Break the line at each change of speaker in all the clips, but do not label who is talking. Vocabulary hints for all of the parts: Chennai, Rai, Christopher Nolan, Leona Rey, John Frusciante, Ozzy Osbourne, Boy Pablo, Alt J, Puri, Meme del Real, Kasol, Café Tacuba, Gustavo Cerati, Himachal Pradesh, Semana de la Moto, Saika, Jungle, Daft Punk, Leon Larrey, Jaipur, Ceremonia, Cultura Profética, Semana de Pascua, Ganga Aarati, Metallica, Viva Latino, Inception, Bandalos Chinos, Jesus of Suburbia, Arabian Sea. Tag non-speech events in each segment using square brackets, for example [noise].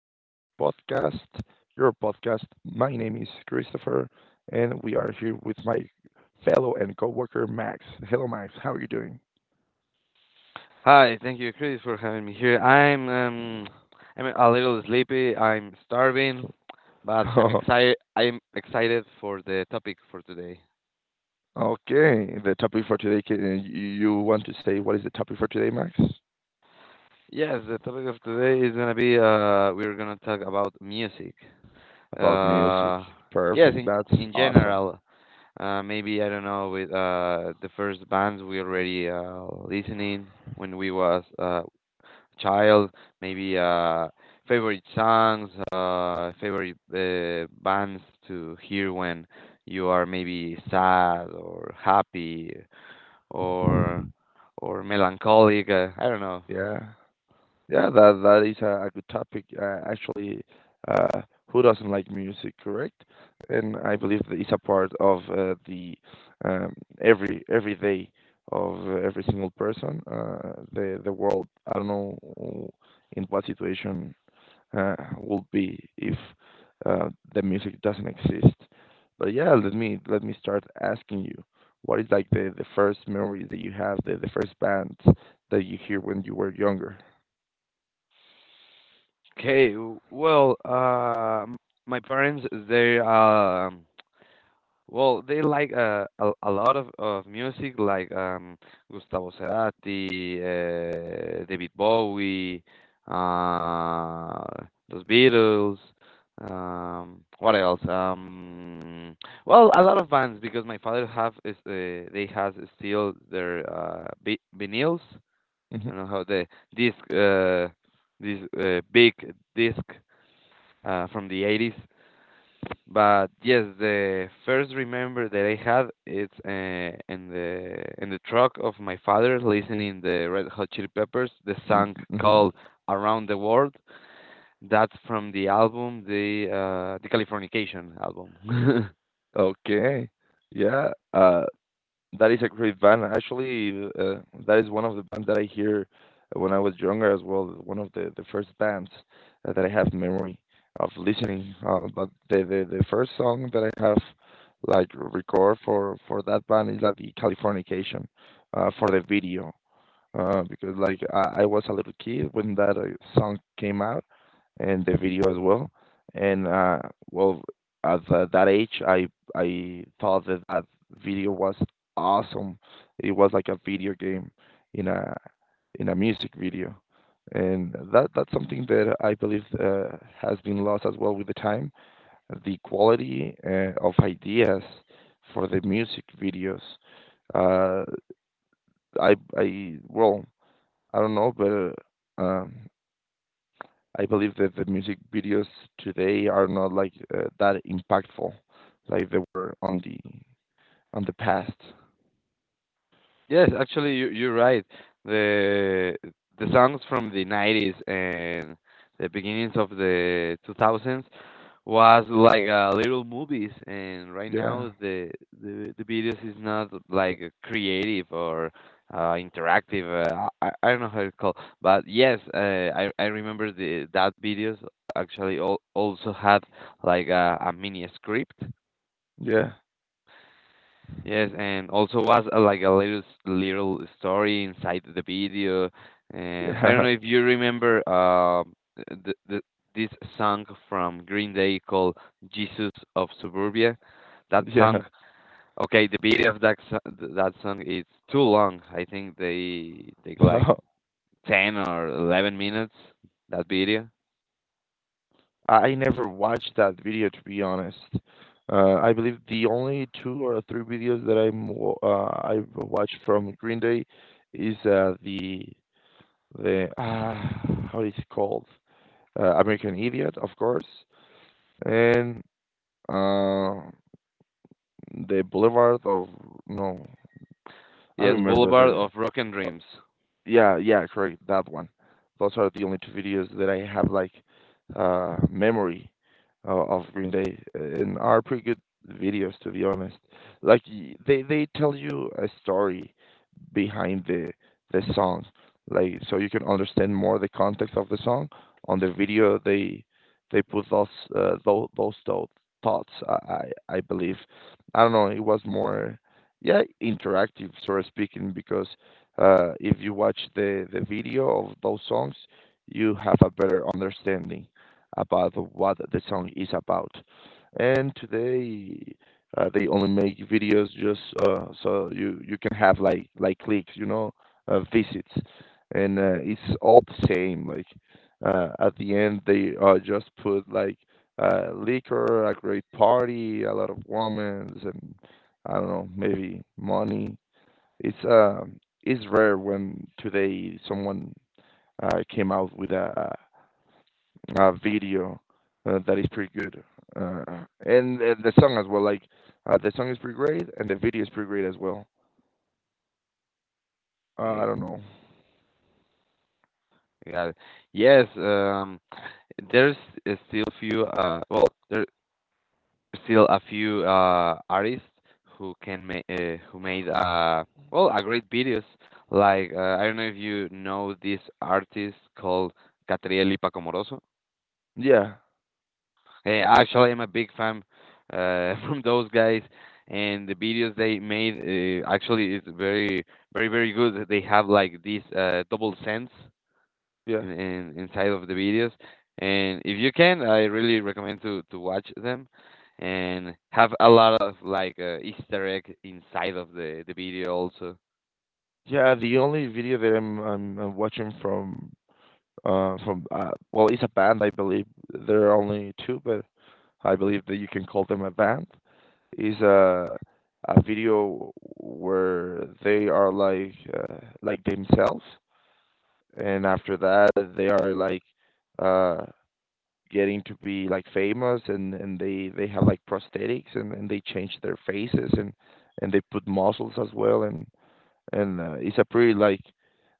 your podcast. My name is Christopher, and we are here with my fellow and co-worker Max. Hello, Max. How are you doing?
Hi, thank you, Chris, for having me here. I'm a little sleepy. I'm starving, but
[laughs]
I'm
Okay.
excited. I'm excited for the topic for today.
The topic for today, can, you you want to say what is the topic for today, Max?
Yes, the topic of today is gonna be we're gonna talk about music.
About music.
Uh, yes,
Perfect.
in,
That's
in
awesome.
general, maybe I don't know with the first bands we already listening when we was child, maybe favorite songs, favorite bands to hear when you are maybe sad or happy or or melancholic. I don't know.
Yeah. Yeah, that is a good topic. Actually, uh, who doesn't like music, correct? And I believe that it's a part of the, um, every day of every single person. The world. I don't know in what situation would be if uh, the music doesn't exist. But yeah, let me start asking you, what is like the first memory that you have, the first band that you hear when you were younger?
Okay, my parents they well, they like a lot of music like Gustavo Cerati, David Bowie, uh, Los Beatles. What else? Well, a lot of bands because my father have is they has still their vinyls.
Mm-hmm.
I don't know how the disc this big disc from the 80s, but yes, the first remember that I had, it's in the truck of my father listening the Red Hot Chili Peppers, the
Mm,
song
mhm.
called "Around the World." That's from the album, the Californication album. [laughs]
Okay. Yeah, that is a great band. Actually, that is one of the bands that I hear when I was younger as well. One of the first bands that I have memory of listening. But the first song that I have like record for that band is like the Californication, for the video, because like I was a little kid when that song came out and the video as well. And, well, at that age, I thought that that video was awesome. It was like a video game in a in a music video, and that's something that I believe has been lost as well with the time. The quality, of ideas for the music videos. Uh, I well, I don't know, but, um, I believe that the music videos today are not like, that impactful, like they were on the past.
Yes, actually, you're right. The the songs from the 90s and the beginnings of the 2000s was like little movies, and right
Yeah,
now the videos is not like creative or interactive. I don't know how to call, but yes, I remember the that videos, actually also had like a mini script.
yeah,
Yes, and also was like a little story inside the video, and I don't
yeah,
know if you remember the this song from Green Day called "Jesus of Suburbia." That
[laughs] yeah.
song, okay, the video of that song is too long. I think they take like
So
10 or 11 minutes. That video,
I never watched that video, to be honest. I believe the only two or three videos that I've watched from Green Day is, the [sighs] how is it called? American Idiot, of course, and, Uh, the Boulevard of, no, I
yes,
remember
Boulevard
the.
of Broken Dreams.
Yeah, yeah, correct, that one. Those are the only two videos that I have, like, memory of Green Day, and are pretty good videos, to be honest. Like, they tell you a story behind the song, like, so you can understand more the context of the song. On the video, they put those thoughts. I believe, I don't know, it was more, yeah, interactive, sort of speaking, because if you watch the video of those songs, you have a better understanding about what the song is about. And today, they only make videos just, so you can have like clicks, visits, and, it's all the same. Like, at the end, they, just put like, liquor, a great party, a lot of women, and I don't know, maybe money. It's uh, it's rare when today someone, came out with a video, that is pretty good, uh, and the song as well. Like, the song is pretty great, and the video is pretty great as well.
Eh,
I don't know.
Yeah. Yes, um, there's there's still a few artists who can make who made a great videos, like I don't know if you know this artist called Catriel y Paco Moroso.
Yeah,
Actually, I'm a big fan [laughs] from those guys, and the videos they made, actually, is very very very good. They have like this double sense
yeah,
in inside of the videos. And if you can, I really recommend to watch them, and have a lot of like Easter egg inside of the video also.
yeah. The only video that I'm watching from, well, it's a band, I believe. There are only two, but I believe that you can call them a band. Is a video where they are like, like themselves, and after that they are like, uh, getting to be like famous, and they have like prosthetics, and they change their faces, and they put muscles as well, and it's a pretty, like,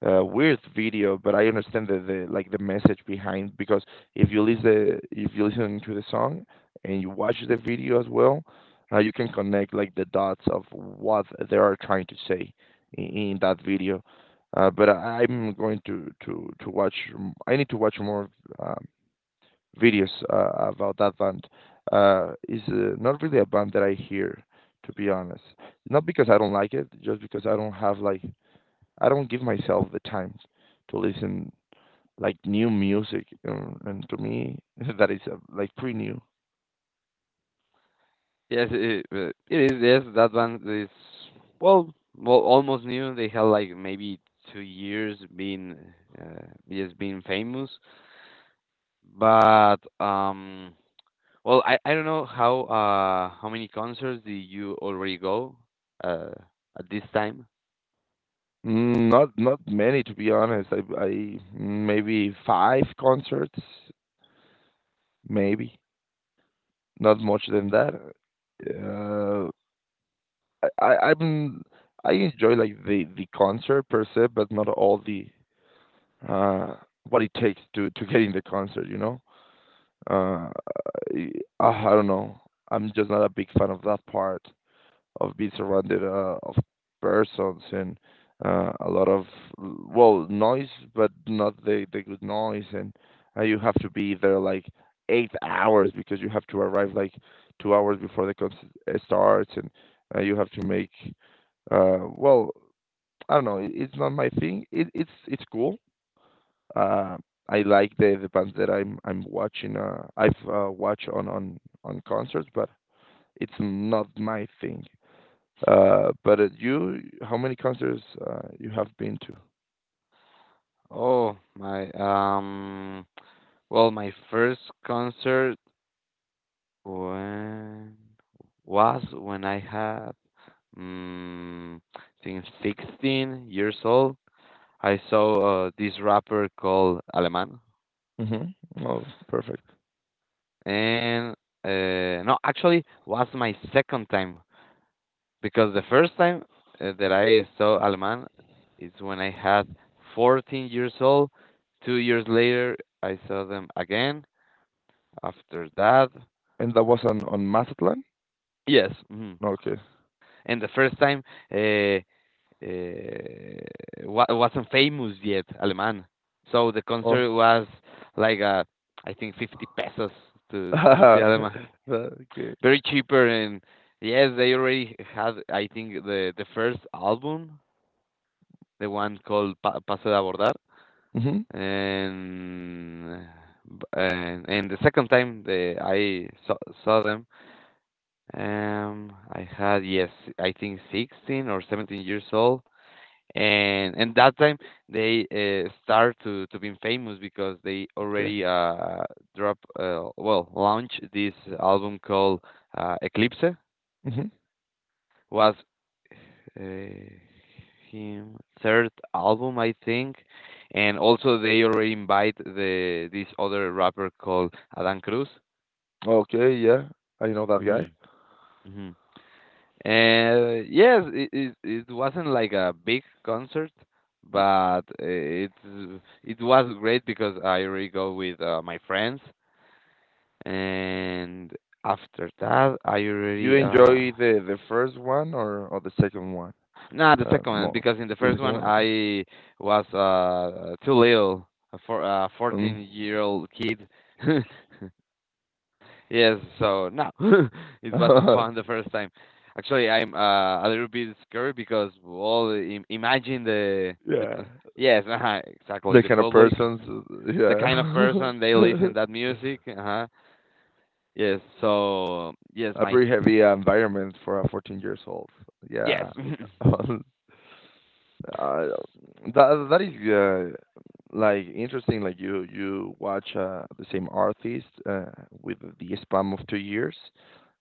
weird video, but I understand the message behind, because if you listen to the song and you watch the video as well, you can connect like the dots of what they are trying to say in that video. But, I'm going to watch. I need to watch more, um, videos, about that band. It's not really a band that I hear, to be honest. Not because I don't like it, just because I don't give myself the time to listen like new music, and to me [laughs] that is, like, pretty new.
Yes, it is. Yes, that one is well, almost new. They have like maybe 2 years yes, being famous. But well, I don't know how many concerts did you already go uh at this time?
Mm. Not many, to be honest. I maybe five concerts, maybe not much than that. Uh, I, I I'm I enjoy like the concert per se, but not all the uh what it takes to get in the concert. Uh, I, I don't know. I'm just not a big fan of that part, of being surrounded, of persons, and, a lot of, well, noise, but not the good noise. And, you have to be there like 8 hours, because you have to arrive like 2 hours before the concert, starts, and, you have to make, well, I don't know. It's not my thing. It's cool. Uh, I like the bands that I'm watching. I've, watched on on concerts, but it's not my thing. But how many concerts, you have been to?
Oh, my, well, my first concert when was when I had I think 16 years old. I saw this rapper called Aleman.
Mm-hmm. Oh, perfect.
And No, actually was my second time, because the first time that I saw Aleman is when I had 14 years old. 2 years later, I saw them again. After that.
And that was on Mazatlan.
Yes, mhm.
Okay.
And the first time, uh, wa wasn't famous yet, Alemán. So the
Oh.
concert
[laughs]
was like, I think 50 pesos to see
Uh,
Alemán.
okay.
Very cheaper, and yes, they already had, I think, the first album, the one called Pa Paso de Abordar.
Mm-hmm.
And b and the second time the I saw them. I had, yes, I think 16 or 17 years old, and that time they start to being famous because they
Okay.
already drop well launch this album called Eclipse,
Mm-hmm.
was uh, him third album I think, and also they already invite the this other rapper called Adan Cruz.
Okay. Yeah, I know that
Hmm.
guy.
And yes, it wasn't like a big concert, but it was great because I already go with my friends, and after that I
You
already
enjoy the first one or the second one?
nah, the second one,
More
because in the
the
first
second
one
one. Okay.
I was too little a for a
Mm.
14-year-old kid. [laughs] Yes, so no, [laughs] it wasn't fun the
[laughs]
first time. Actually, I'm a little bit scared because well, imagine the the
Yeah.
p- yes, exactly,
The
the
kind of
public,
persons.
the kind of
uh,
person they
Yeah. [laughs]
listen that music. Uh-huh. Yes, so yes,
A
my.
pretty heavy, environment for a 14 years old.
Yes.
Yeah, [laughs] um, uh, that is, like, interesting. Like, you watch, the same artist, with the span of 2 years,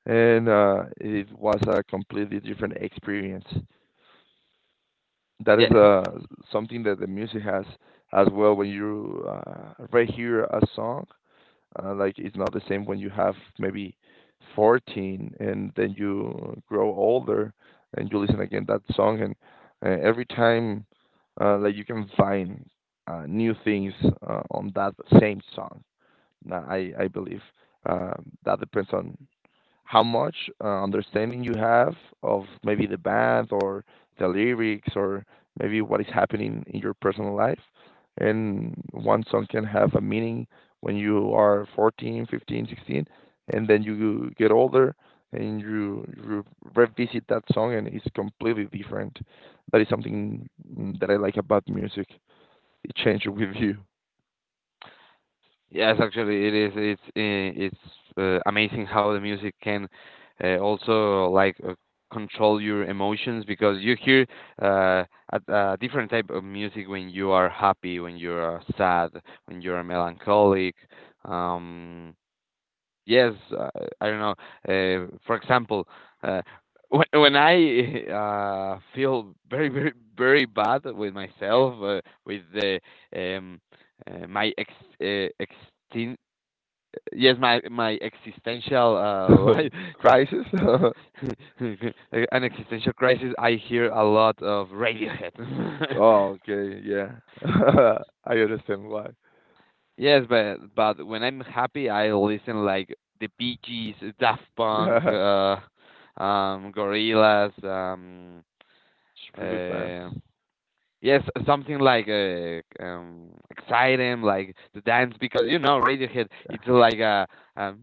and, it was a completely different experience.
[laughs]
That is,
yes.
something that the music has as well. When you, rehear a song, like, it's not the same when you have maybe 14 and then you grow older and you listen again that song, and, every time, like, you can find, new things, on that same song. I believe, that depends on how much, understanding you have of maybe the band, or the lyrics, or maybe what is happening in your personal life. And one song can have a meaning when you are 14, 15, 16, and then you get older and you revisit that song, and it's completely different. That is something, that I like about music. It changes with you.
Yes, actually, it is. It's amazing how the music can also like control your emotions, because you hear uh, a different type of music when you are happy, when you are sad, when you are melancholic. Um, yes, I don't know. For example, uh, when I [laughs] feel very very very bad with myself, with the um, my ex ex yes, my existential life.
[laughs] Crisis? [laughs]
[laughs] an existential crisis, I hear a lot of Radiohead.
Oh, okay, yeah. [laughs] I understand why.
[laughs] yes, but when I'm happy I listen like the Bee Gees, Daft Punk,
Yeah.
Gorillaz,
It's a pretty good bands.
uh yes, something like exciting, like the dance, because you know Radiohead, it's like a, um,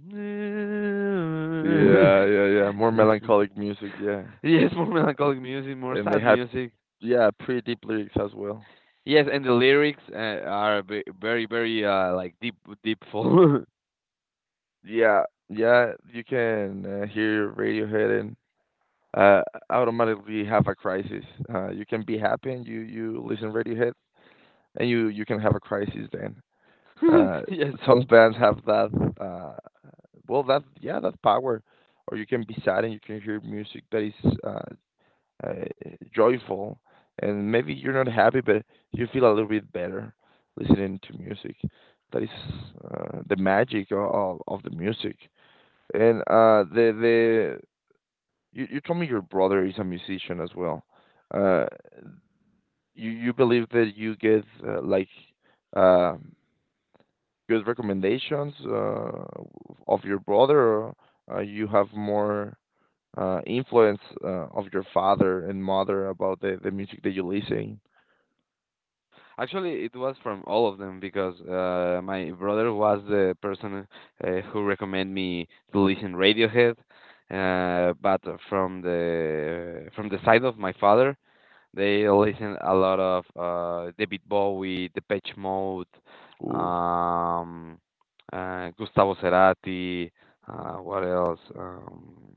Yeah. Yeah, yeah, yeah.
[laughs]
More
[laughs]
melancholic music, yeah.
Yes, more melancholic music, more
And they
sad
have,
music.
yeah, pretty deep lyrics as well.
Yes, and the lyrics are very, very, like, deep, deepful. [laughs] [laughs]
Yeah, yeah. You can, hear Radiohead and, uh, automatically have a crisis. You can be happy and you listen Radiohead, and you can have a crisis then. Uh,
Yes,
some bands have that. Uh, well, that, yeah, that power. Or you can be sad and you can hear music that is, uh, joyful, and maybe you're not happy, but you feel a little bit better listening to music. That is, the magic of the music. And, the you told me your brother is a musician as well. Uh, you believe that you get, like, uh, good recommendations, of your brother, or, you have more, influence, of your father and mother about the music that you listen.
actually, it was from all of them, because my brother was the person who recommended me to listen Radiohead. But from the side of my father, they listen a lot of David Bowie, Depeche Mode,
Ooh.
um, Gustavo Cerati. What else? Um,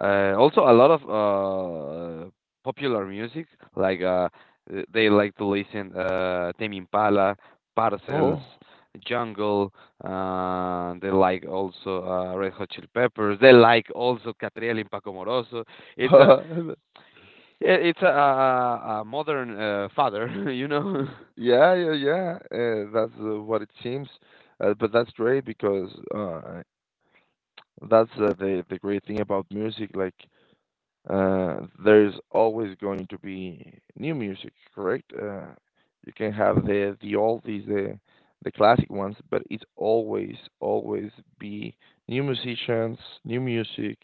uh, Also, a lot of popular music. Like, they like to listen Tame Impala, Parcels,
Oh.
Jungle. They like also Red Hot Chili Peppers. They like also Catriel and Paco Moroso. It's a
[laughs]
Yeah, it's a modern father, [laughs] you know.
Y yeah, yeah, yeah, that's, what it seems, but that's great because, that's, the great thing about music, like, uh, there's always going to be new music, correct? You can have the oldies, the classic ones, but it's always, always be new musicians, new music,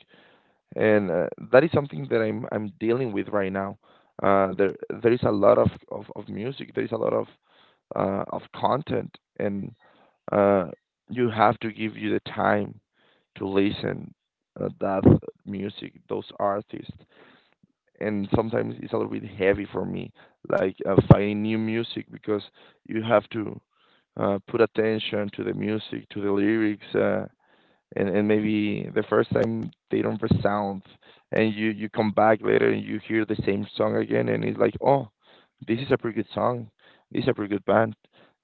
and, that is something that I'm dealing with right now. Uh, there there is a lot of music. There is a lot of content, and, uh, you have to give you the time to listen, that music, those artists. And sometimes it's a little bit heavy for me, like, finding new music because you have to, put attention to the music, to the lyrics. And maybe the first time they don't resound, and you come back later and you hear the same song again and it's like, oh, this is a pretty good song, this is a pretty good band.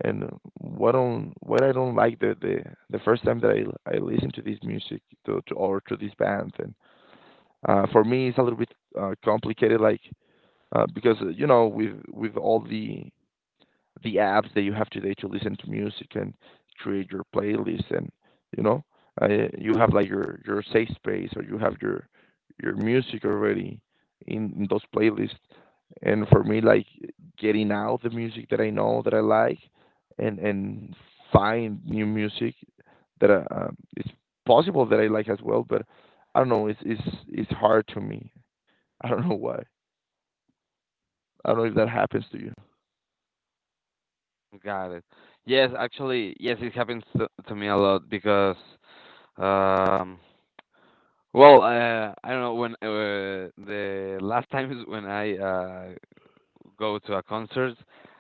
And what I don't like, the first time that I listen to this music to this band, and for me it's a little bit complicated, like, because you know, with all the apps that you have today to listen to music and create your playlist. And you know, uh, you have like your safe space, or you have your music already in those playlists. And for me, like, getting out the music that I know that I like, and find new music that it's possible that I like as well. But I don't know, it's it's hard to me. [laughs] I don't know why. I don't know if that happens to you.
[laughs] Got it. Yes, actually, yes, it happens to me a lot because, um, well, I don't know when, the last [laughs] time is, when I go to a concert,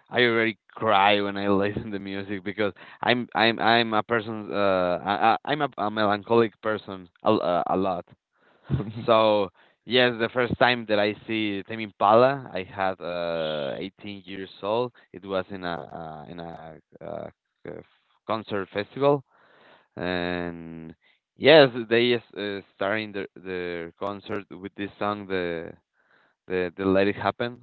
I already cry when I [laughs] listen to music, because I'm a person, I'm a melancholic person a lot.
[laughs]
So yes, the first time that I see Tame Impala, I had 18 years old. It was in a uh, uh, concert festival, and yes, starting the concert with this song, the Let It Happen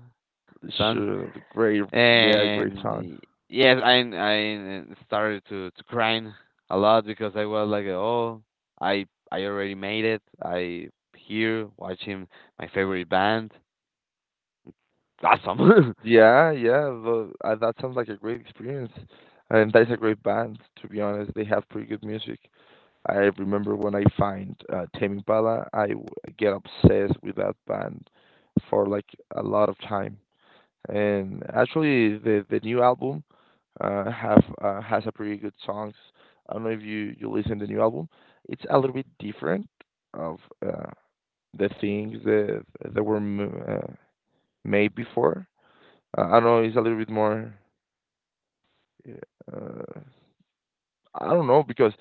song.
Sure, great, yeah, great song.
And yes, I started to crying a lot, because I was like, oh, I already made it, I here watching my favorite band. It's awesome.
Yeah, yeah, that sounds like a great experience, and that's a great band. To be honest, they have pretty good music. I remember when I find Tame Impala, I get obsessed with that band for like a lot of time. And actually, the new album have has a pretty good songs. I don't know if you listen to the new album. It's a little bit different of uh, the things that that were m- uh, made before. I don't know, it's a little bit more. Uh, I don't know because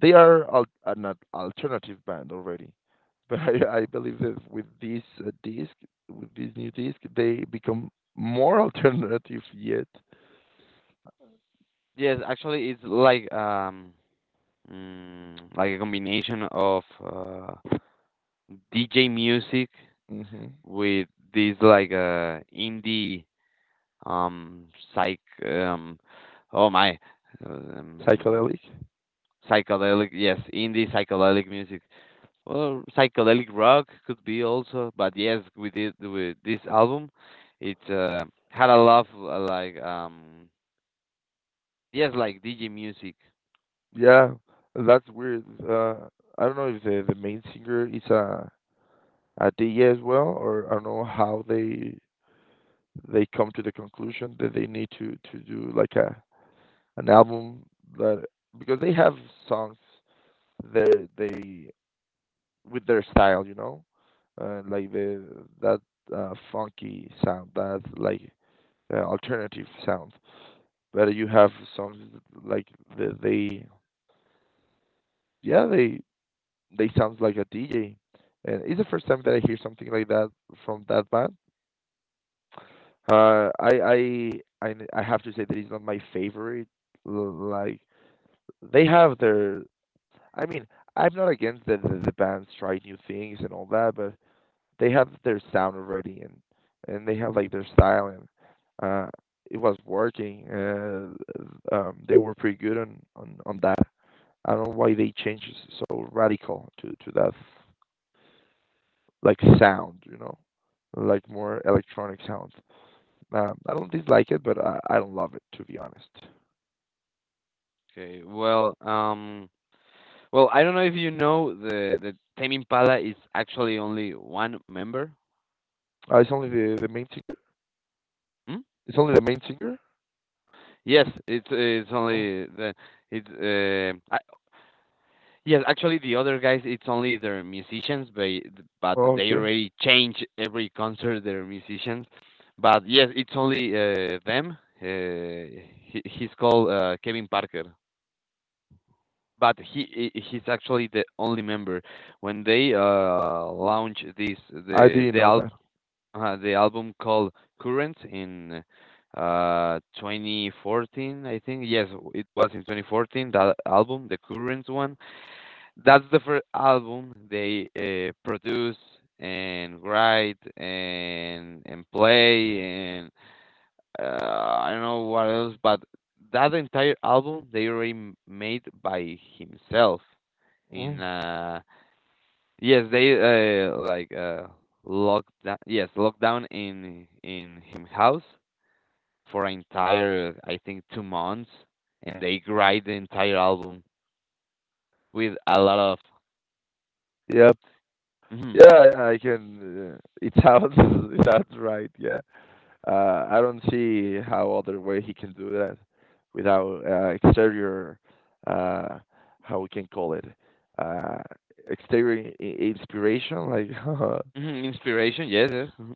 they are alternative band already. [laughs] But I believe that with this disc, with this new disc, they become more [laughs] alternative yet.
[laughs] yes, actually it's like, like a combination of DJ music
Hmm.
with this, like, indie, um psych, um oh my, um,
Psychedelic.
psychedelic, yes, indie psychedelic music. Well, psychedelic rock could be also, but yes, with this album, it had a lot of, like, yes, like DJ music.
Yeah, that's weird. I don't know if the main singer is a DJ as well, or I don't know how they come to the conclusion that they need to do like a an album that, because they have songs that they, with their style, you know, like the that funky sound, that like alternative sound. But you have songs like the, they, yeah, they sounds like a DJ, and it's the first time that I hear something like that from that band. Uh, I I have to say that it's not my favorite. Like they have their, I mean, I'm not against the, the bands try new things and all that, but they have their sound already, and they have like their style, and uh it was working. They were pretty good on on that. I don't know why they changed so radical to that like sound, you know, like more electronic sound. I don't dislike it, but I don't love it, to be honest.
Okay, well, well, I don't know if you know, the Tame Impala is actually only one member.
It's only the main singer.
Hmm?
It's only the main singer.
Yes, it's
Oh,
only the, it's. Yes, actually, the other guys, it's only their musicians, but
oh,
they
okay.
already change every concert their musicians. But yes, it's only them. He's called Kevin Parker, but he's actually the only member. When they launch this
I didn't
the
know
al
that.
the album called Current in 2014, I think. Yes, it was in 2014 that album, the Current one, that's the first album they produce and write and play, and I don't know what else, but that entire album they already made by himself. In
Mm.
Yes, they uh, like uh, locked down, yes, lockdown in him house for an entire, I think, 2 months, and they write the entire album with a lot of.
Yep.
Mm-hmm.
Yeah, yeah, I can. It sounds [laughs] it sounds right. Yeah. I don't see how other way he can do that without exterior, uh, how we can call it, uh, exterior inspiration. Like, [laughs]
Mhm, inspiration, yes, yes. Mhm.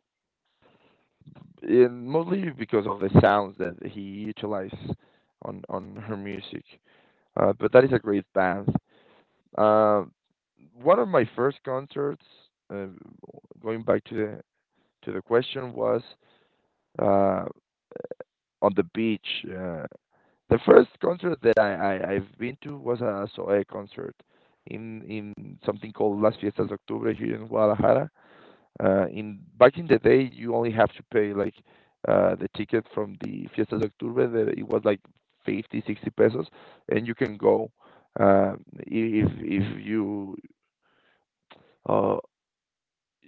and mostly because of the sounds that he utilizes on her music. But that is a great band. Um, One of my first concerts, uh, going back to the question, was uh, on the beach. The first concert that I've been to was a Zoé concert in something called Las Fiestas de Octubre here in Guadalajara. In Back in the day, you only have to pay like the ticket from the Fiestas de Octubre. That it was like 50, 60 pesos, and you can go. Uh, if you uh,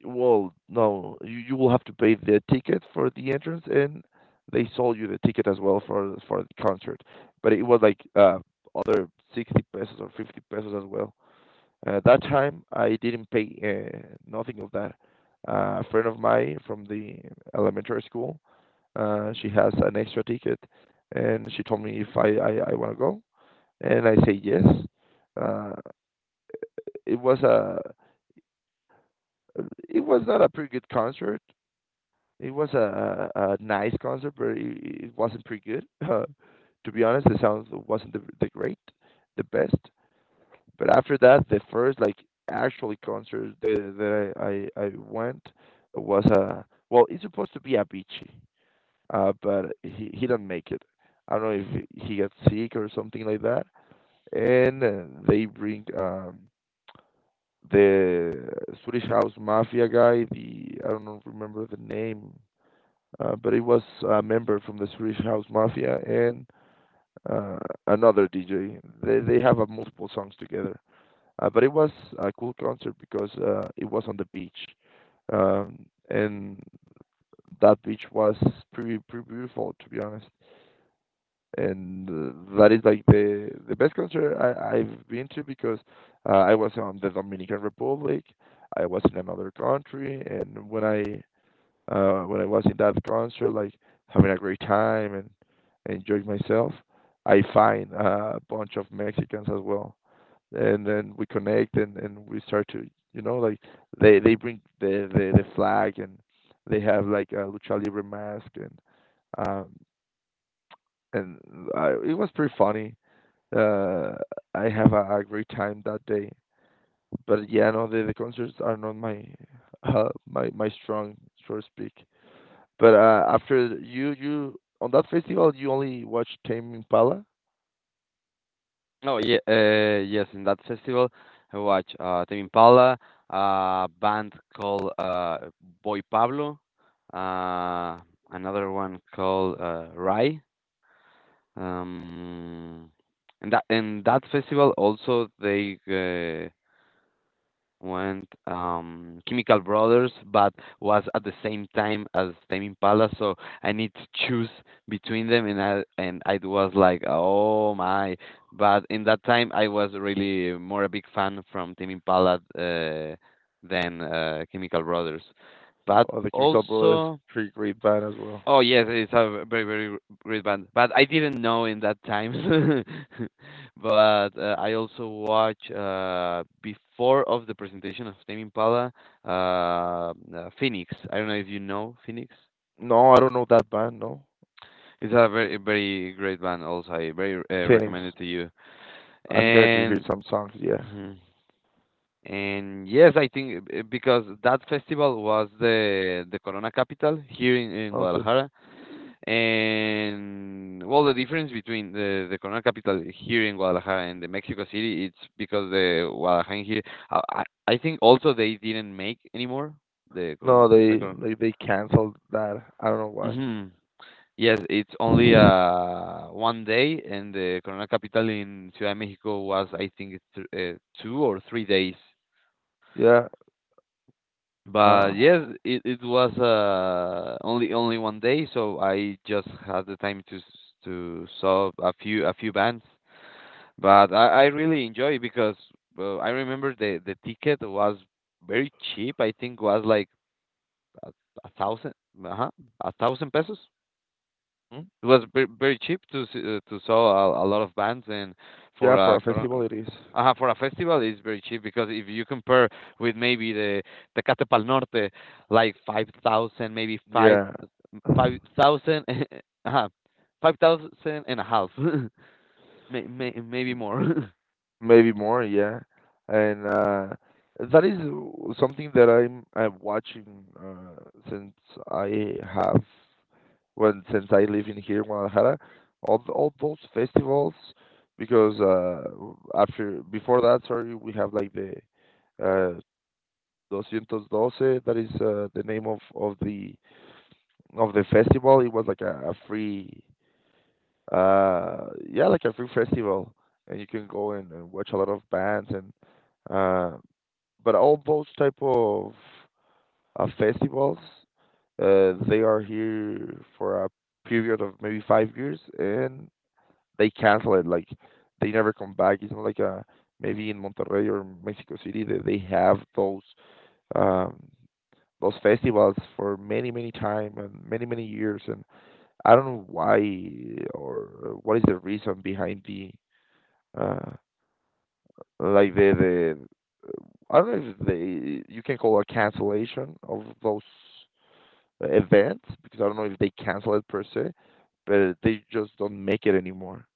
Well, no, you will have to pay the ticket for the entrance, and they sold you the ticket as well for the concert. But it was like other 60 pesos or 50 pesos as well. That time I didn't pay nothing of that. A friend of mine from the elementary school, she has an extra ticket, and she told me if I want to go, and I say yes. Uh, it was a it was not a pretty good concert. It was a, a nice concert, but it wasn't pretty good. [laughs] To be honest, the sound wasn't the great, the best. But after that, the first, like, actually concert that, I went was a, well, it's supposed to be Avicii, but he didn't make it. I don't know if he got sick or something like that. And they bring the Swedish House Mafia guy. The I don't know- remember the name, but he was a member from the Swedish House Mafia, and uh, another DJ. They have multiple songs together. But it was a cool concert because it was on the beach, um, and that beach was pretty beautiful, to be honest. And that is like the best concert I, I've been to, because I was on the Dominican Republic, I was in another country, and when I was in that concert, like, having a great time and enjoying myself, I find a bunch of Mexicans as well, and then we connect, and we start to, you know, like, they bring the the flag, and they have like a lucha libre mask, and um and it was pretty funny. Uh, I have a great time that day. But yeah, no, the concerts are not my [laughs] my strong, so to speak. But after you on that festival, you only watched Tame Impala
Oh, yeah, yes, in that festival, I watch Tame Impala, a band called Boy Pablo, uh, another one called Rai. Um, and that in that festival also they went, Chemical Brothers, but was at the same time as Tame Impala, so I need to choose between them, and I was like, oh my! But in that time, I was really more a big fan from Tame Impala than Chemical Brothers, but
or the Chemical Brothers,
also.
pretty great band as well.
Oh yes, it's a very very great band, but I didn't know in that time. [laughs] but I also watch before of the presentation of Tame Impala, Phoenix. I don't know if you know Phoenix.
No, I don't know that band. No,
It's a very very great band. Also, I very
Phoenix.
recommend it to you.
I'm going to hear
And
some songs. Yeah.
mhm. And yes, I think, because that festival was the Corona Capital here in
Okay.
Guadalajara. And well, the difference between the Corona Capital here in Guadalajara and the Mexico City, it's because the Guadalajara here, I I I think also they didn't make anymore the Corona
No,
the Corona.
they canceled that. I don't know why.
Mhm. Yes, it's only one day, and the Corona Capital in Ciudad de Mexico was, I think, th two or three days.
Yeah. Uh,
But yes, it was only only one day, so I just had the time to s- to saw a few bands. But I really enjoy it because well, I remember the ticket was very cheap. I think was like a, a thousand, uh-huh, a thousand pesos.
hmm?
It was very, very cheap to s- to saw a lot of bands and for
Yeah, for
a
a
cor-
festival it is.
for a festival it's very cheap because if you compare with maybe the Tecate Pal Norte, like five thousand, maybe five
Yeah.
five thousand, [laughs] uh, five thousand and a half, [laughs] may, maybe more. [laughs]
Maybe more, yeah. And that is something that I'm watching since I have, when since I live in here in Guadalajara, all all those festivals, because w- after before that, sorry, we have like the uh doscientos Doce. That is the name of the of the festival. It was like a free yeah, like a free festival, and you can go and watch a lot of bands, and uh but all those type of festivals, they are here for a period of maybe 5 years, and they cancel it, like, they never come back. It's not like a, maybe in Monterrey or Mexico City, that they have um those festivals for many many time and many many years. And I don't know why, or what is the reason behind the uh like the the I don't know if they you can call a cancellation of those events, because I don't know if they cancel it per se, but they just don't make it anymore.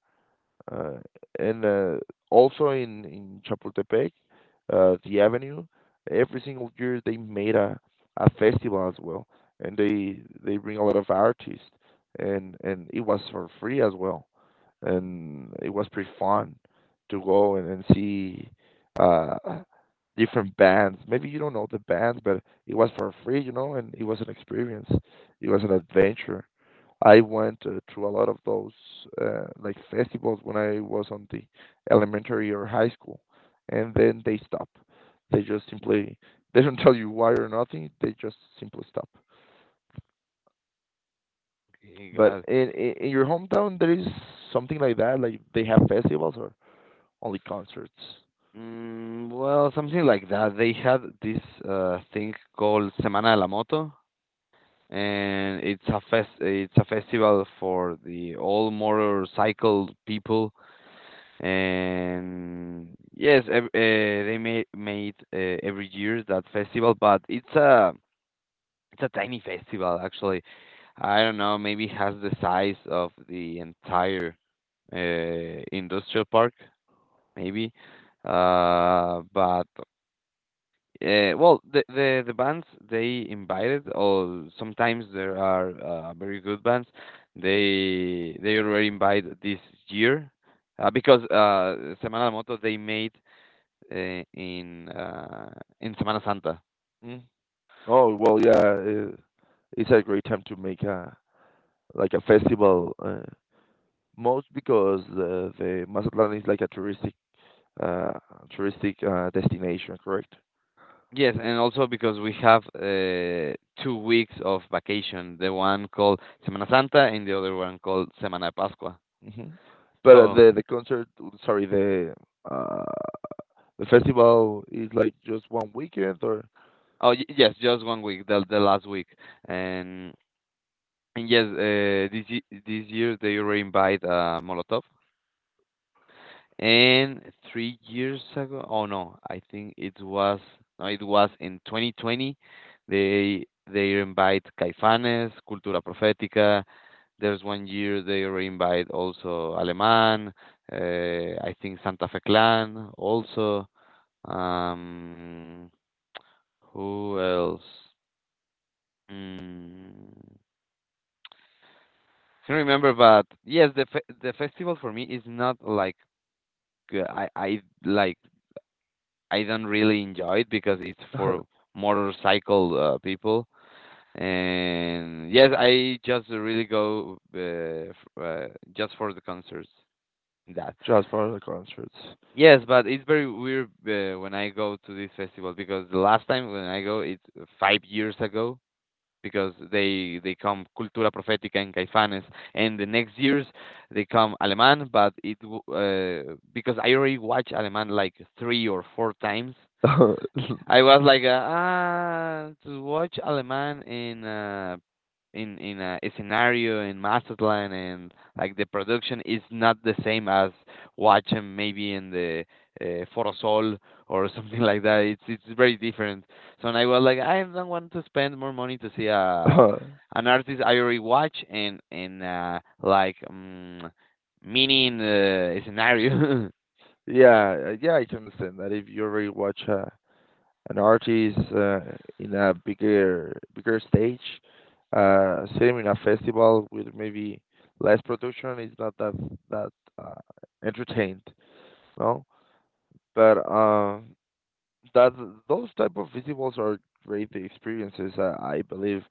Uh, and Also in Chapultepec, the avenue, every single year they made a festival as well, and they bring a lot of artists, and it was for free as well, and it was pretty fun to go and see uh different bands. Maybe you don't know the bands, but it was for free, you know, and it was an experience. It was an adventure. I went through a lot of those like festivals when I was on the elementary or high school, and then they stop. They just simply [laughs] they don't tell you why or nothing. They just simply stop.
Okay,
But
God.
in your hometown, there is something like that? Like they have festivals, or only concerts?
Mm, well, something like that. They had this thing called Semana de la Moto, and it's a fest. It's a festival for the all motorcycle people. And yes, ev they made made every year that festival, but it's a tiny festival actually. I don't know, maybe has the size of the entire industrial park, maybe. But well, the bands they invited, or sometimes there are very good bands. They already invite this year because Semana de Moto they made uh, in uh, in Semana Santa.
Mm. Oh well, yeah, it's a great time to make a, like, a festival. Most because the Mazatlan is like a touristic uh, destination, correct?
Yes, and also because we have two weeks of vacation, the one called Semana Santa and the other one called Semana de Pascua.
Hmm. But
So,
the concert, sorry, uh, the festival is like just one weekend, or
oh y- yes, just one week, the last week, and and yes, this ye- this year they already invite Molotov. And three years ago, oh no, I think it was no, it was in 2020. They invite Caifanes, Cultura Profética. There's one year they already invite also Alemán. I think Santa Fe Clan also. Um, who else? Mm. can remember, but yes, the fe- the festival for me is not like g- I like I don't really enjoy it because it's for
[laughs]
motorcycle people. And yes, I just really go f- just for the concerts. That
just for the concerts.
yes, but it's very weird when I go to this festival because the last time when I go, it's five years ago, because they come Cultura Profética and Caifanes, and the next years they come Alemán. But it w- because I already watched Alemán like three or four times, I was like, ah, to watch Aleman in a scenario in Mazatlan and like the production is not the same as watching maybe in the Forosol or [laughs] something like that. It's very different. So and I was like, I don't want to spend more money to see a
[laughs]
an artist I already watch and like mini in the scenario.
Yeah, yeah, I can understand that. If you already watch an artist in a bigger stage, same in a festival with maybe less production, it's not that that uh, entertained, no? But that, those type of festivals are great experiences, I believe,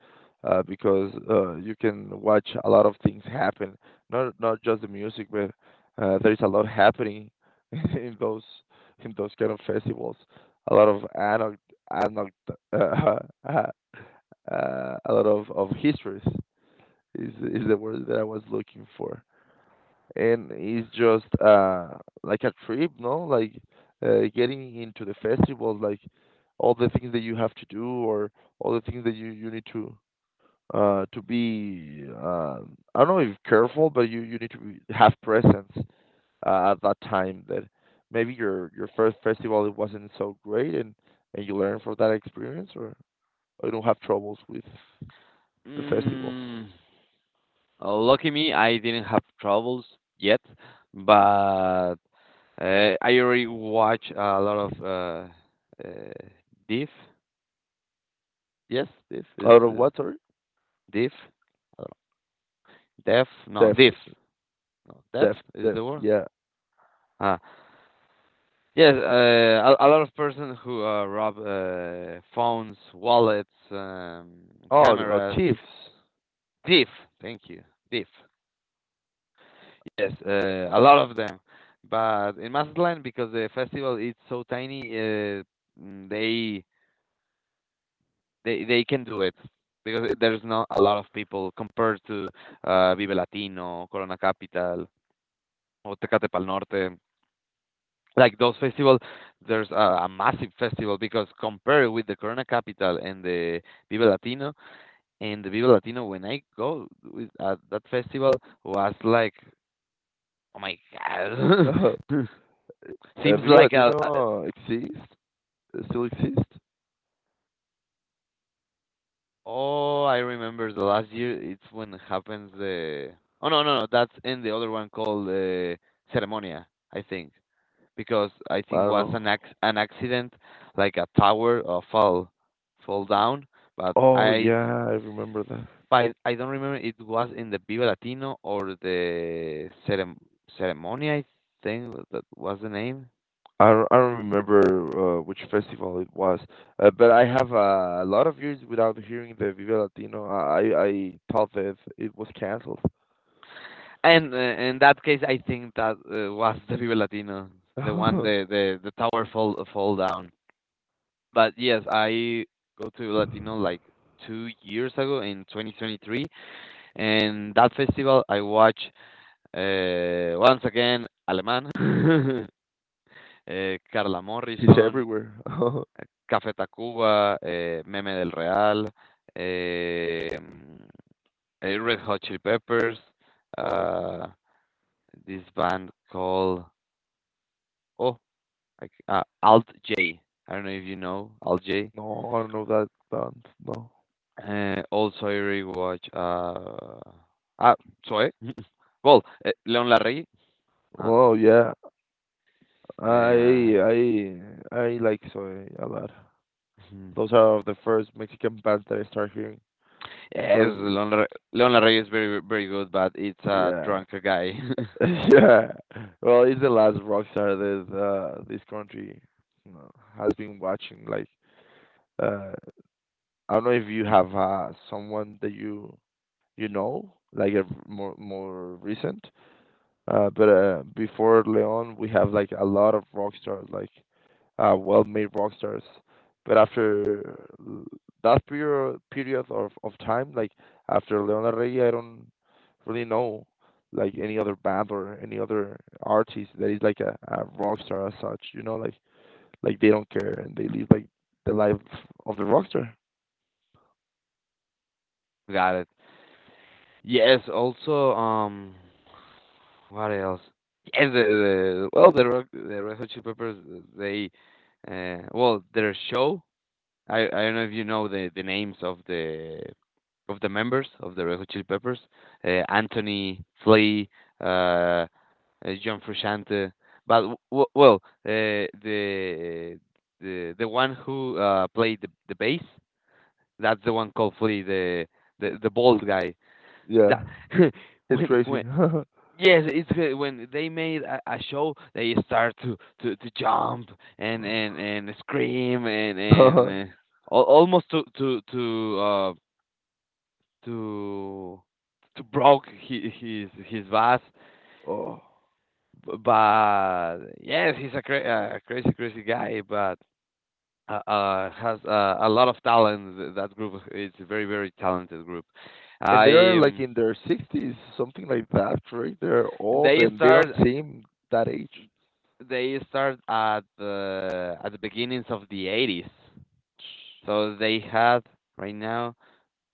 because you can watch a lot of things happen, not just the music, but there is a lot happening [laughs] in those, in those kind of festivals. A lot of anecdote anecdote uh, [laughs] uh, a lot of histories is the word that I was looking for. And it's just like a trip, no? Like getting into the festivals, like all the things that you have to do, or all the things that you need to be I don't know, if careful, but you need to be, have presence at that time, that maybe your first festival, it wasn't so great, and you learn from that experience, or you don't have troubles with
[laughs]
the festivals.
mm. Lucky me, I didn't have troubles yet, but I already watch a lot of Div. Yes, Div is
Out of what, sorry?
Div. Uh, Def? No,
Deft,
Div. No, Def
deft,
is
deft.
the word.
Yeah.
Ah, yes. A lot of person who rob phones, wallets,
Oh, oh,
camera.
thieves.
Div. Thank you. Div. Yes, a lot of them. But in Mazatlan, because the festival is so tiny, mm, they can do it because there's not a lot of people compared to Vive Latino, Corona Capital, or Tecate Pal Norte. Like those festivals, there's a massive festival because compared with the Corona Capital and the Vive Latino, and the Vive Latino, when I go with at that festival, was like, oh my god,
[laughs]
[laughs] seems
Viva
like a
Latino exist? Still exist?
Oh, I remember the last year. It's when happens the. Oh no no no! That's in the other one called Ceremonia, I think, because I
I
think
don't
was
know.
an ac an accident, like a tower fall fall down. But
Oh yeah, I remember that.
I don't remember it was in the Viva Latino or the cerem Ceremonia, I think that was the name.
I don't remember which festival it was, but I have a lot of years without hearing the Viva Latino. I thought that it was canceled.
And in that case, I think that was the Viva Latino, the one the tower fall fall down. But yes, I go to Latino like 2 years ago in 2023, and that festival I watch once again Alemán, [laughs] Carla
[laughs] He's
Morrison,
everywhere. [laughs]
Café Tacuba, Meme del Real, eh, mm, eh, Red Hot Chili Peppers,
Well,
uh, this band called oh I c- Alt J. I don't know if you know Alt J.
no, I don't know that band. No.
Also, I rewatch. Ah, Zoe. [laughs] well, Leon Larrey. Uh,
Oh yeah,
uh,
I I I like soy a lot.
mhm.
Those are the first Mexican bands that I start hearing
[laughs] yes,
because
Leon Larrey, Leon Larrey is very, very good, but it's a
yeah.
drunk
[laughs]
guy. [laughs]
Yeah. Well, he's the last rock star that this country, you know, has been watching. Like, uh, I don't know if you have someone that you know, like a more recent. But before Leon, we have like a lot of rock stars, like well-made rock stars. But that period of time, like after Leona Rey, I don't really know like any other band or any other artist that is like a rock star as such. You know, like they don't care and they live like the life of the rock star.
Got it. Yes. Also, what else? Yes, the well, the Rock, the Red Hot Chili Peppers. They, well, their show. I don't know if you know the names of the members of the Red Hot Chili Peppers. Anthony Flea, uh, uh, John Frusciante. But w- well, the one who played the bass, that's the one called Flea, the bald guy.
Yeah,
That [laughs]
it's crazy.
when Yes, it's good. When they made a show, they start to jump and scream and
[laughs]
al- almost to to broke his boss.
Oh.
B- But yes, he's a, cra- a crazy crazy guy, but has a lot of talent. Th- That group, it's a very very talented group.
And they're
I
like in their 60s, something like that, right? They're old
they
and they don't
start.
seem that age.
They start at the beginnings of the 80s. So they had right now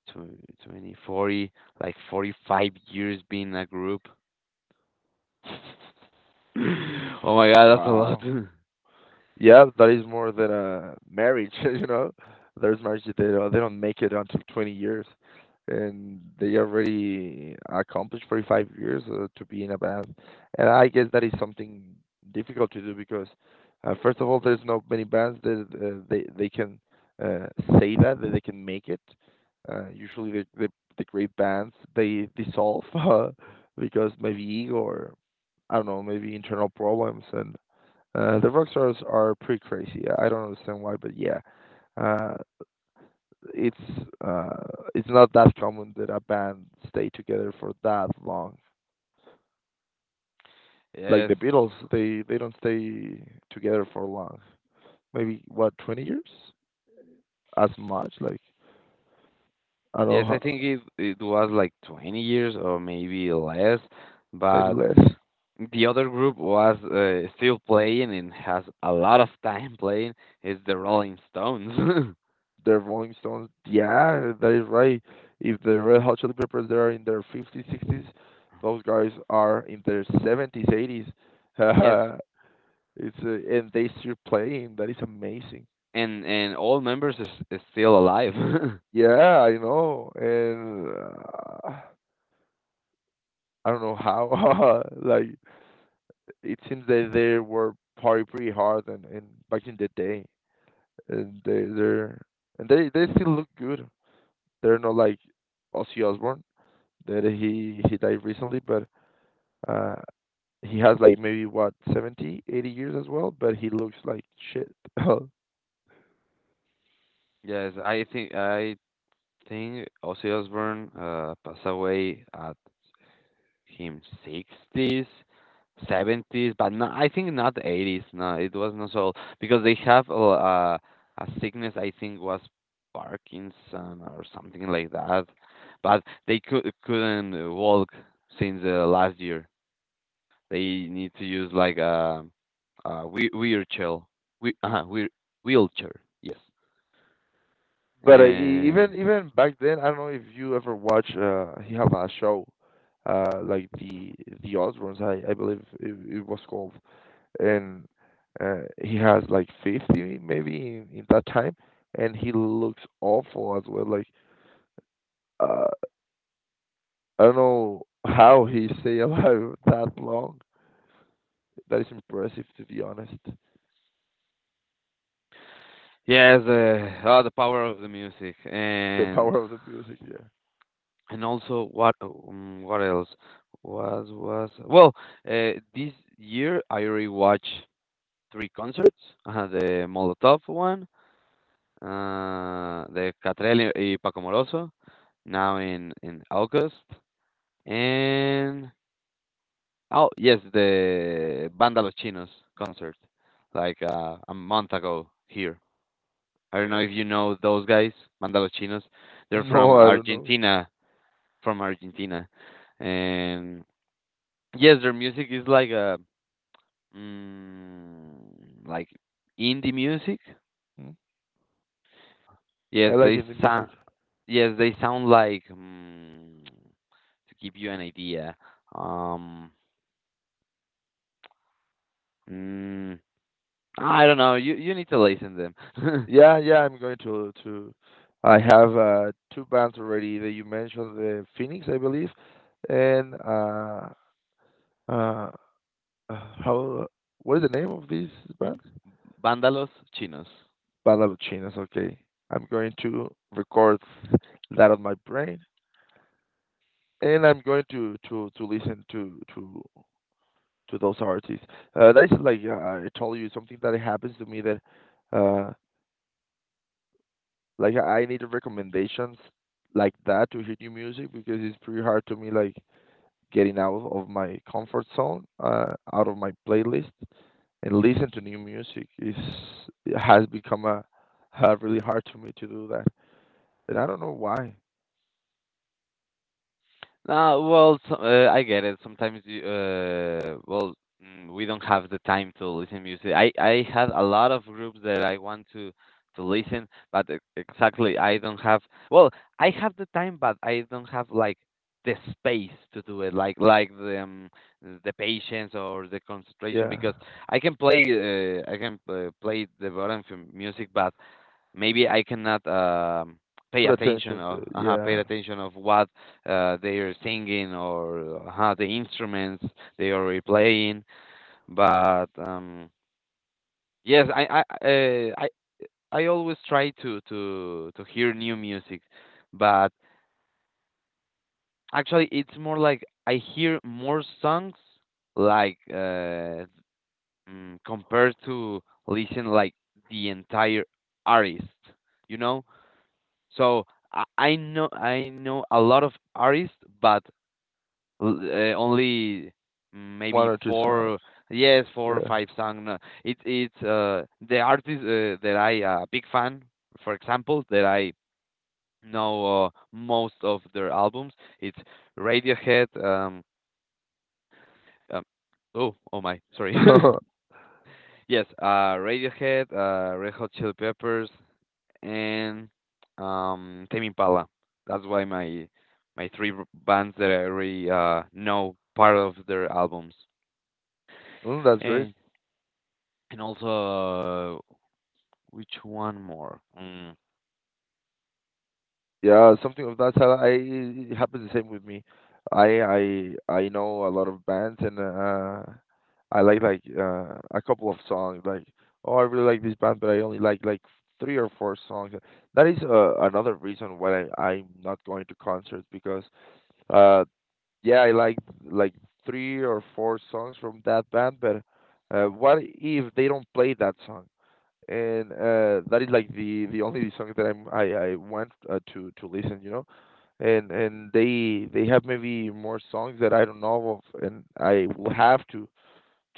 tw- 20, 40, like 45 years being a group. [clears throat] [laughs] oh my god, that's a lot.
Wow.
[laughs]
Yeah, that is more than a marriage, [laughs] you know. There's marriages they don't make it until 20 years, and they already accomplished 45 years to be in a band. And I guess that is something difficult to do because, first of all, there's not many bands that uh, they can uh, say that that they can make it. Usually, the great bands they dissolve [laughs] because maybe ego, or I don't know, maybe internal problems. And the rock stars are pretty crazy. I don't understand why, but yeah, uh, it's uh, it's not that common that a band stay together for that long. Like
yes.
the Beatles, they don't stay together for long. Maybe what, 20 years? As much? Like I don't know,
Yes, I think it it was like 20 years or maybe less,
maybe
but
less.
the other group was still playing and has a lot of time playing is the Rolling Stones. [laughs]
The Rolling Stones, yeah, that is right. If the Red Hot Chili Peppers, they are in their fifties, sixties. Those guys are in their seventies, eighties.
yes.
[laughs] It's and they still playing. That is amazing.
And all members is still alive. [laughs]
Yeah, I know, and I don't know how. [laughs] Like it seems that they were party pretty hard, and back in the day, and they still look good. They're not like Ozzy Osbourne, that he died recently, but uh, he has like, maybe what, 70, 80 years as well, but he looks like shit. [laughs]
Yes, I think Ozzy Osbourne passed away at him 60s, 70s, but no, I think not 80s. No, it was not so old because they have a sickness. I think was Parkinson or something like that, but they could couldn't walk since last year. They need to use like a whe- wheelchair, We [laughs] wheel wheelchair. Yes,
But even back then, I don't know if you ever watch. He have a show, like the Osbournes, I believe it, it was called, and he has like 50 maybe in that time, and he looks awful as well. Like uh, I don't know how he stay alive [laughs] that long. That is impressive, to be honest.
Yes, the oh, the power of the music,
The power of the music, yeah.
and also what else was well this year I already watched three concerts, the Molotov one, the Catriel y Paco Moroso, now in August, and oh yes, the Banda Los Chinos concert, like a month ago here. I don't know if you know those guys, Banda Los Chinos.
[laughs]
They're
No, I don't know.
From Argentina, and yes, their music is like a mm, like indie music.
Hmm? I
Yes,
like
they
indie music.
sound yes they sound like mm, to give you an idea. Um, mm, I don't know. You need to listen to them.
Yeah, yeah, I'm going to to. I have two bands already that you mentioned, the Phoenix, I believe, and uh, uh, how? What is the name of this band?
[laughs] Bandalos Chinos.
Badaluchinas. Okay, I'm going to record that on my brain, and I'm going to to listen to those artists. That's like I told you something that happens to me that. Uh, Like I need recommendations like that to hear new music, because it's pretty hard to me, like getting out of my comfort zone, out of my playlist, and listen to new music is, it has become a, really hard to me to do that. And I don't know why.
Well, so, I get it. Sometimes you, well, mm, we don't have the time to listen music. I had a lot of groups that I want to listen, but e- exactly I don't have. Well, I have the time, but I don't have like the space to do it, like the patience or the concentration,
Yeah.
because I can play the Baroque music, but maybe I cannot pay
Put
attention
attention
or
to,
pay
yeah,
attention of what they are singing or the instruments they are playing. But yes, I always try to hear new music, but actually it's more like I hear more songs like mm, compared to listen like the entire artist, you know So I know a lot of artists, but l- only
one
maybe
or two songs.
four, yes, four or
Yeah.
five songs. No, It it's the artist that I big fan, for example, that I know most of their albums. It's Radiohead. Um, oh, oh my, sorry.
[laughs]
[laughs] yes, Radiohead, Red Hot Chili Peppers. And Tame Impala. That's why my my three r- bands that I already know part of their albums.
Mm, that's great.
And and also which one more? Mm.
Yeah, something of that style. I, it happens the same with me. I know a lot of bands, and uh, I like uh, a couple of songs, like oh, I really like this band, but I only like three or four songs. That is another reason why I'm not going to concerts, because uh yeah, I like three or four songs from that band, but what if they don't play that song? And that is like the only song that I want to listen, you know. And they have maybe more songs that I don't know of, and I will have to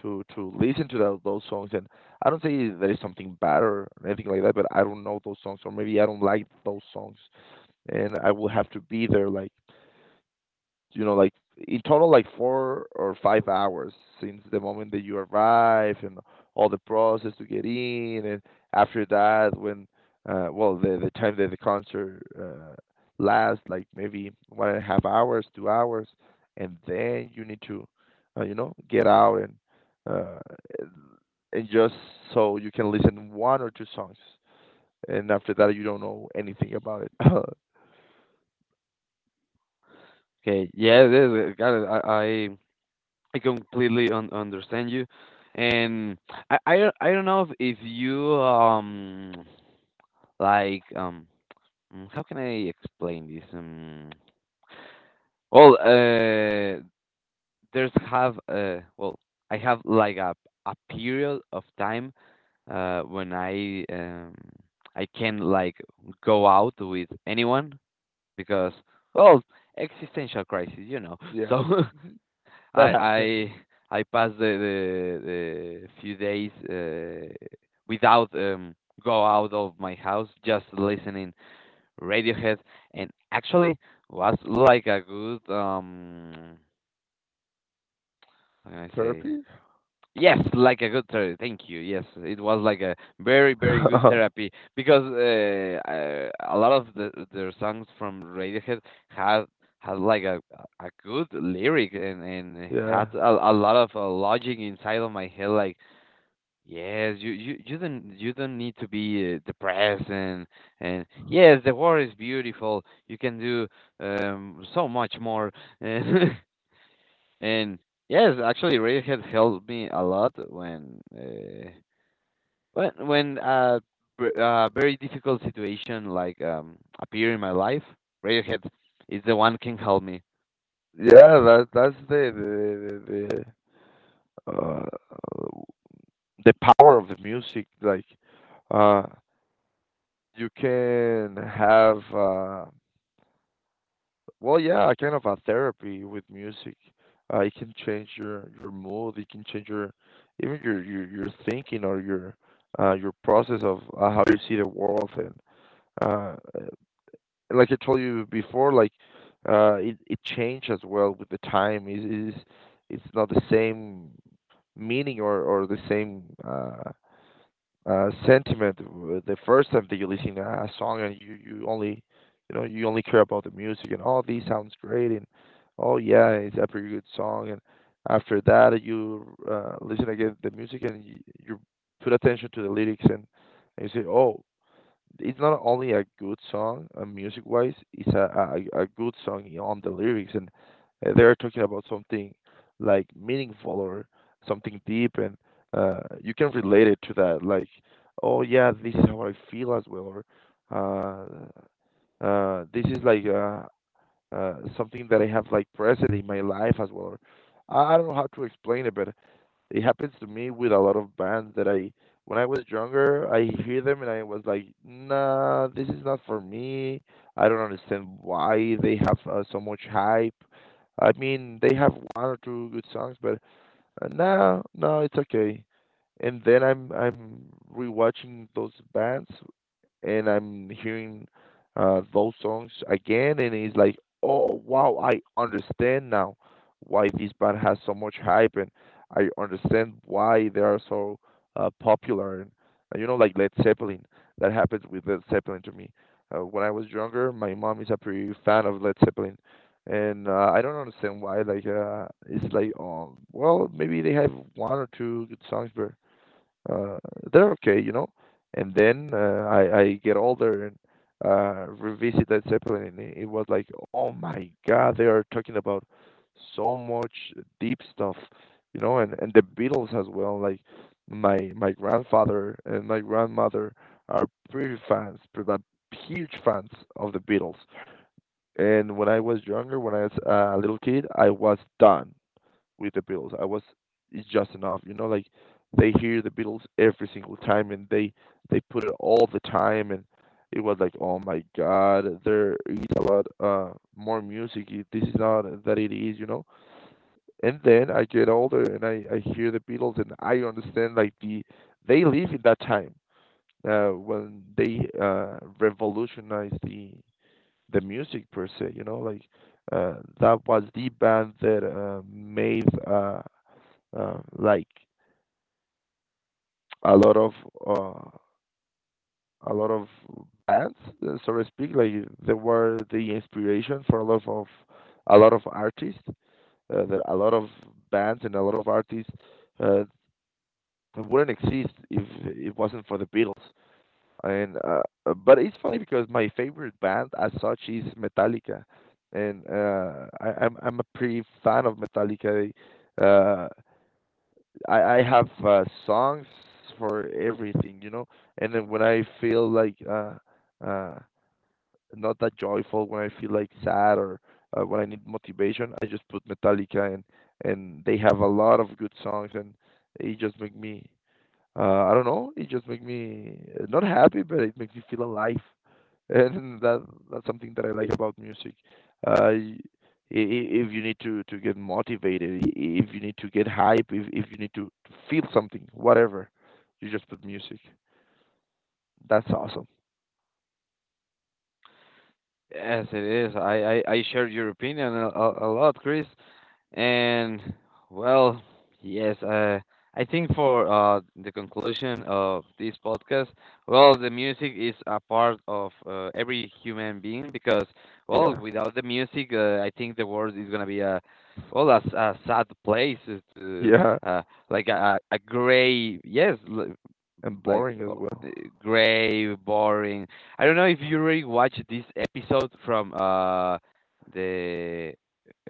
to listen to those songs. And I don't say that is something bad or anything like that, but I don't know those songs, or maybe I don't like those songs, and I will have to be there like, you know, like in total, like 4 or 5 hours, since the moment that you arrive, and all the process to get in, and after that, when well, the time that the concert lasts, like maybe one and a half hours, 2 hours, and then you need to, you know, get out uh, and just so you can listen one or two songs, and after that you don't know anything about it. [laughs]
Okay, yeah, this, got it. I completely un- understand you, and I don't know if you like um mm, how can I explain this. Well, there's have well I have like a period of time when I can like go out with anyone because well existential crisis you know [laughs]
Yeah,
so [laughs]
mhm. That
I
happens.
I I pass the few days without go out of my house just listening Radiohead and actually was like a good how can I say
Therapy.
Yes, like a good therapy. Thank you. Yes, it was like a very, very good
[laughs]
therapy because a lot of the their songs from Radiohead had had like a good lyric and had
Yeah.
a lot of logic inside of my head. Like, yes, you you don't need to be depressed and yes, the world is beautiful. You can do so much more. [laughs] And yes, actually, Radiohead helped me a lot when a very difficult situation like appear in my life. Radiohead is the one can help me.
Yeah, that's the the, uh, the power of the music. Like, uh, you can have well, yeah, a kind of a therapy with music. It can change your mood. It can change your even your thinking, or your process of how you see the world. And uh, and like I told you before, like it it changed as well with the time. Is it's not the same meaning, or the same sentiment the first time that you listen to a song, and you only, you know, you only care about the music, and oh, this sounds great, and oh yeah, it's a pretty good song. And after that you listen again to the music, and you put attention to the lyrics, and you say, oh, it's not only a good song, music wise, it's a good song on the lyrics, and they're talking about something like meaningful, or something deep, and you can relate it to that, like oh yeah, this is how I feel as well, or uh this is like something that I have like present in my life as well. Or I don't know how to explain it, but it happens to me with a lot of bands that I, when I was younger, I hear them and I was like, "Nah, this is not for me. I don't understand why they have so much hype. I mean, they have one or two good songs, but no, no, it's okay." And then I'm rewatching those bands, and I'm hearing those songs again, and it's like, oh wow, I understand now why this band has so much hype, and I understand why they are so popular. And you know, like Led Zeppelin, that happens with Led Zeppelin to me. When I was younger, my mom is a pretty fan of Led Zeppelin, and I don't understand why. Like, it's like, well, maybe they have one or two good songs, but uh, they're okay, you know. And then I get older, and revisit that Zeppelin, and it was like, oh my God, they are talking about so much deep stuff, you know. And the Beatles as well. Like my grandfather and my grandmother are pretty fans, pretty like, huge fans of the Beatles. And when I was younger, when I was a little kid, I was done with the Beatles. I was, it's just enough, you know, like they hear the Beatles every single time, and they put it all the time, and it was like, oh my God, there is a lot more music. This is not that it is, you know. And then I get older, and I hear the Beatles, and I understand like the, they live in that time when they revolutionized the music per se, you know, like that was the band that made like a lot of uh, a lot of bands, so to speak. Like they were the inspiration for a lot of artists. That a lot of bands and a lot of artists uh, wouldn't exist if it wasn't for the Beatles. And but it's funny because my favorite band as such is Metallica, and I'm a pretty fan of Metallica. Uh, I have songs for everything. And then when I feel like uh not that joyful, when I feel like sad or when I need motivation, I just put Metallica and they have a lot of good songs and it just make me I don't know. It just makes me not happy, but it makes me feel alive, and [laughs] that's something that I like about music. Uh, y- if you need to get motivated, if you need to get hype, if you need to feel something, whatever, you just put music. That's awesome.
Yes, it is. I share your opinion a lot, Chris. And well, yes, I think for the conclusion of this podcast, well, the music is a part of every human being because, well,
Yeah,
without the music, I think the world is gonna be a well, a, s- a sad place,
[laughs]
to,
yeah,
uh, like a gray, yes, l-
and
like
boring as
eh,
well.
gray, boring. I don't know if you already watched this episode from the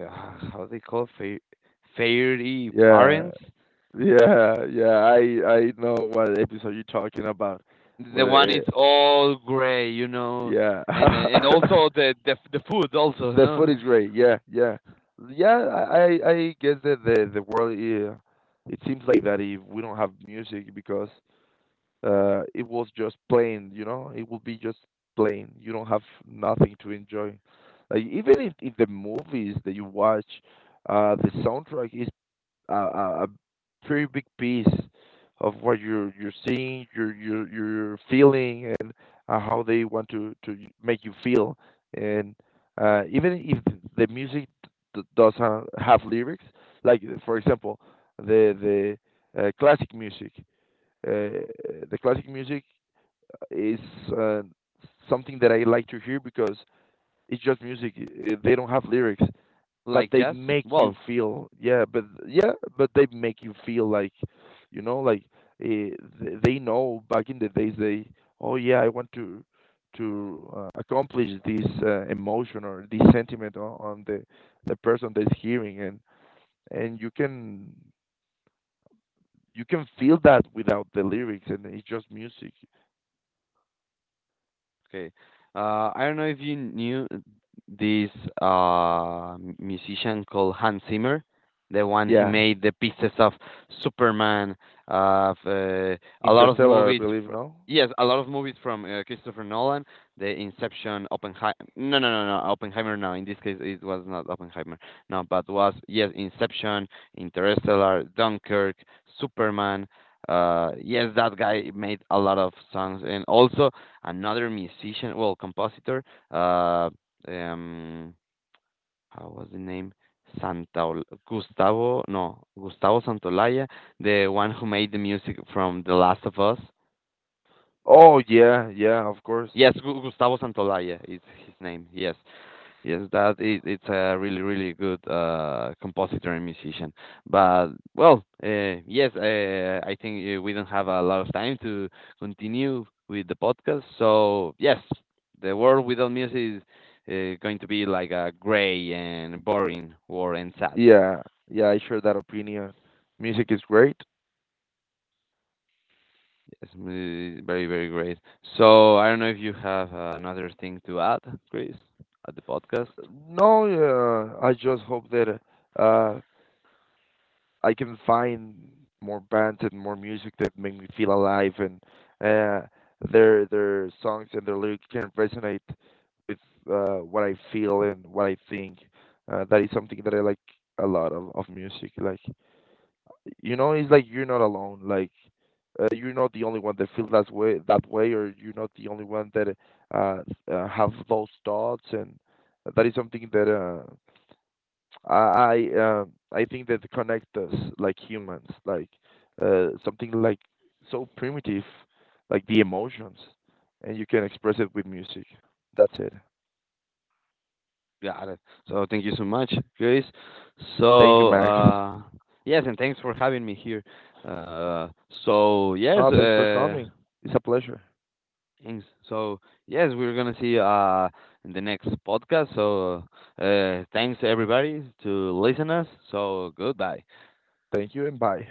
uh, how they call Fair Fairy
Yeah,
Parents.
yeah, yeah. I know what episode you're talking about.
The one
Where, uh,
is all gray, you know,
yeah.
and also
[laughs]
the food also, you
The food
know,
is great. Yeah, yeah, yeah. I guess that the world, yeah, it seems like that if we don't have music, because it was just plain, you know, it will be just plain. You don't have nothing to enjoy. Like even if the movies that you watch, the soundtrack is a very big piece of what you're seeing, you're feeling, and how they want to make you feel. And even if the music have lyrics, like for example, the classic music, uh, the classic music is uh, something that I like to hear because it's just music. They don't have lyrics but
like
they
jazz.
make you
Well,
feel, yeah, but yeah, but they make you feel like, you know, like eh, they know back in the days they, oh yeah, I want to accomplish this emotion or this sentiment on the person that's hearing, and you can feel that without the lyrics and it's just music.
Okay. I don't know if you knew this musician called Hans Zimmer, the one he
Yeah,
made the pieces of Superman, of a lot of
interstellar, I
movies.
believe,
Fr-
no.
yes, a lot of movies from Christopher Nolan, The Inception, Oppenheimer. No, no, no, no, Oppenheimer. No, in this case it was not Oppenheimer. No, but was yes, Inception, Interstellar, Dunkirk, Superman. Yes, that guy made a lot of songs, and also another musician, well, compositor. Uh, um, how was the name? Santa Gustavo, no, Gustavo Santolaya, the one who made the music from The Last of Us.
Oh yeah, yeah, of course.
Yes, Gu- Gustavo Santolaya is his name. Yes, Yes, that is, it's a really, really good compositor and musician. But well, yes, I think we don't have a lot of time to continue with the podcast. So yes, the world without music is going to be like a gray and boring war and sad.
Yeah, yeah, I share that opinion, music is great.
Yes, mm, very, very great. So I don't know if you have another thing to add, Chris, at the podcast.
No, yeah, I just hope that uh, I can find more bands and more music that make me feel alive, and uh, their songs and their lyrics can resonate with what I feel and what I think. That is something that I like a lot of music. Like, you know, it's like you're not alone. Like, you're not the only one that feels that way that way, or you're not the only one that uh, have those thoughts, and that is something that I I, uh, I think that connect us like humans, like something like so primitive, like the emotions, and you can express it with music. That's it.
Got it. So thank you so much, Chris.
Thank you,
So
Max.
yes, and thanks for having me here. Uh, so yes,
Oh, thanks for coming. It's a pleasure.
thanks. So yes, we're gonna see in the next podcast. So thanks everybody to listen us. So goodbye.
Thank you and bye.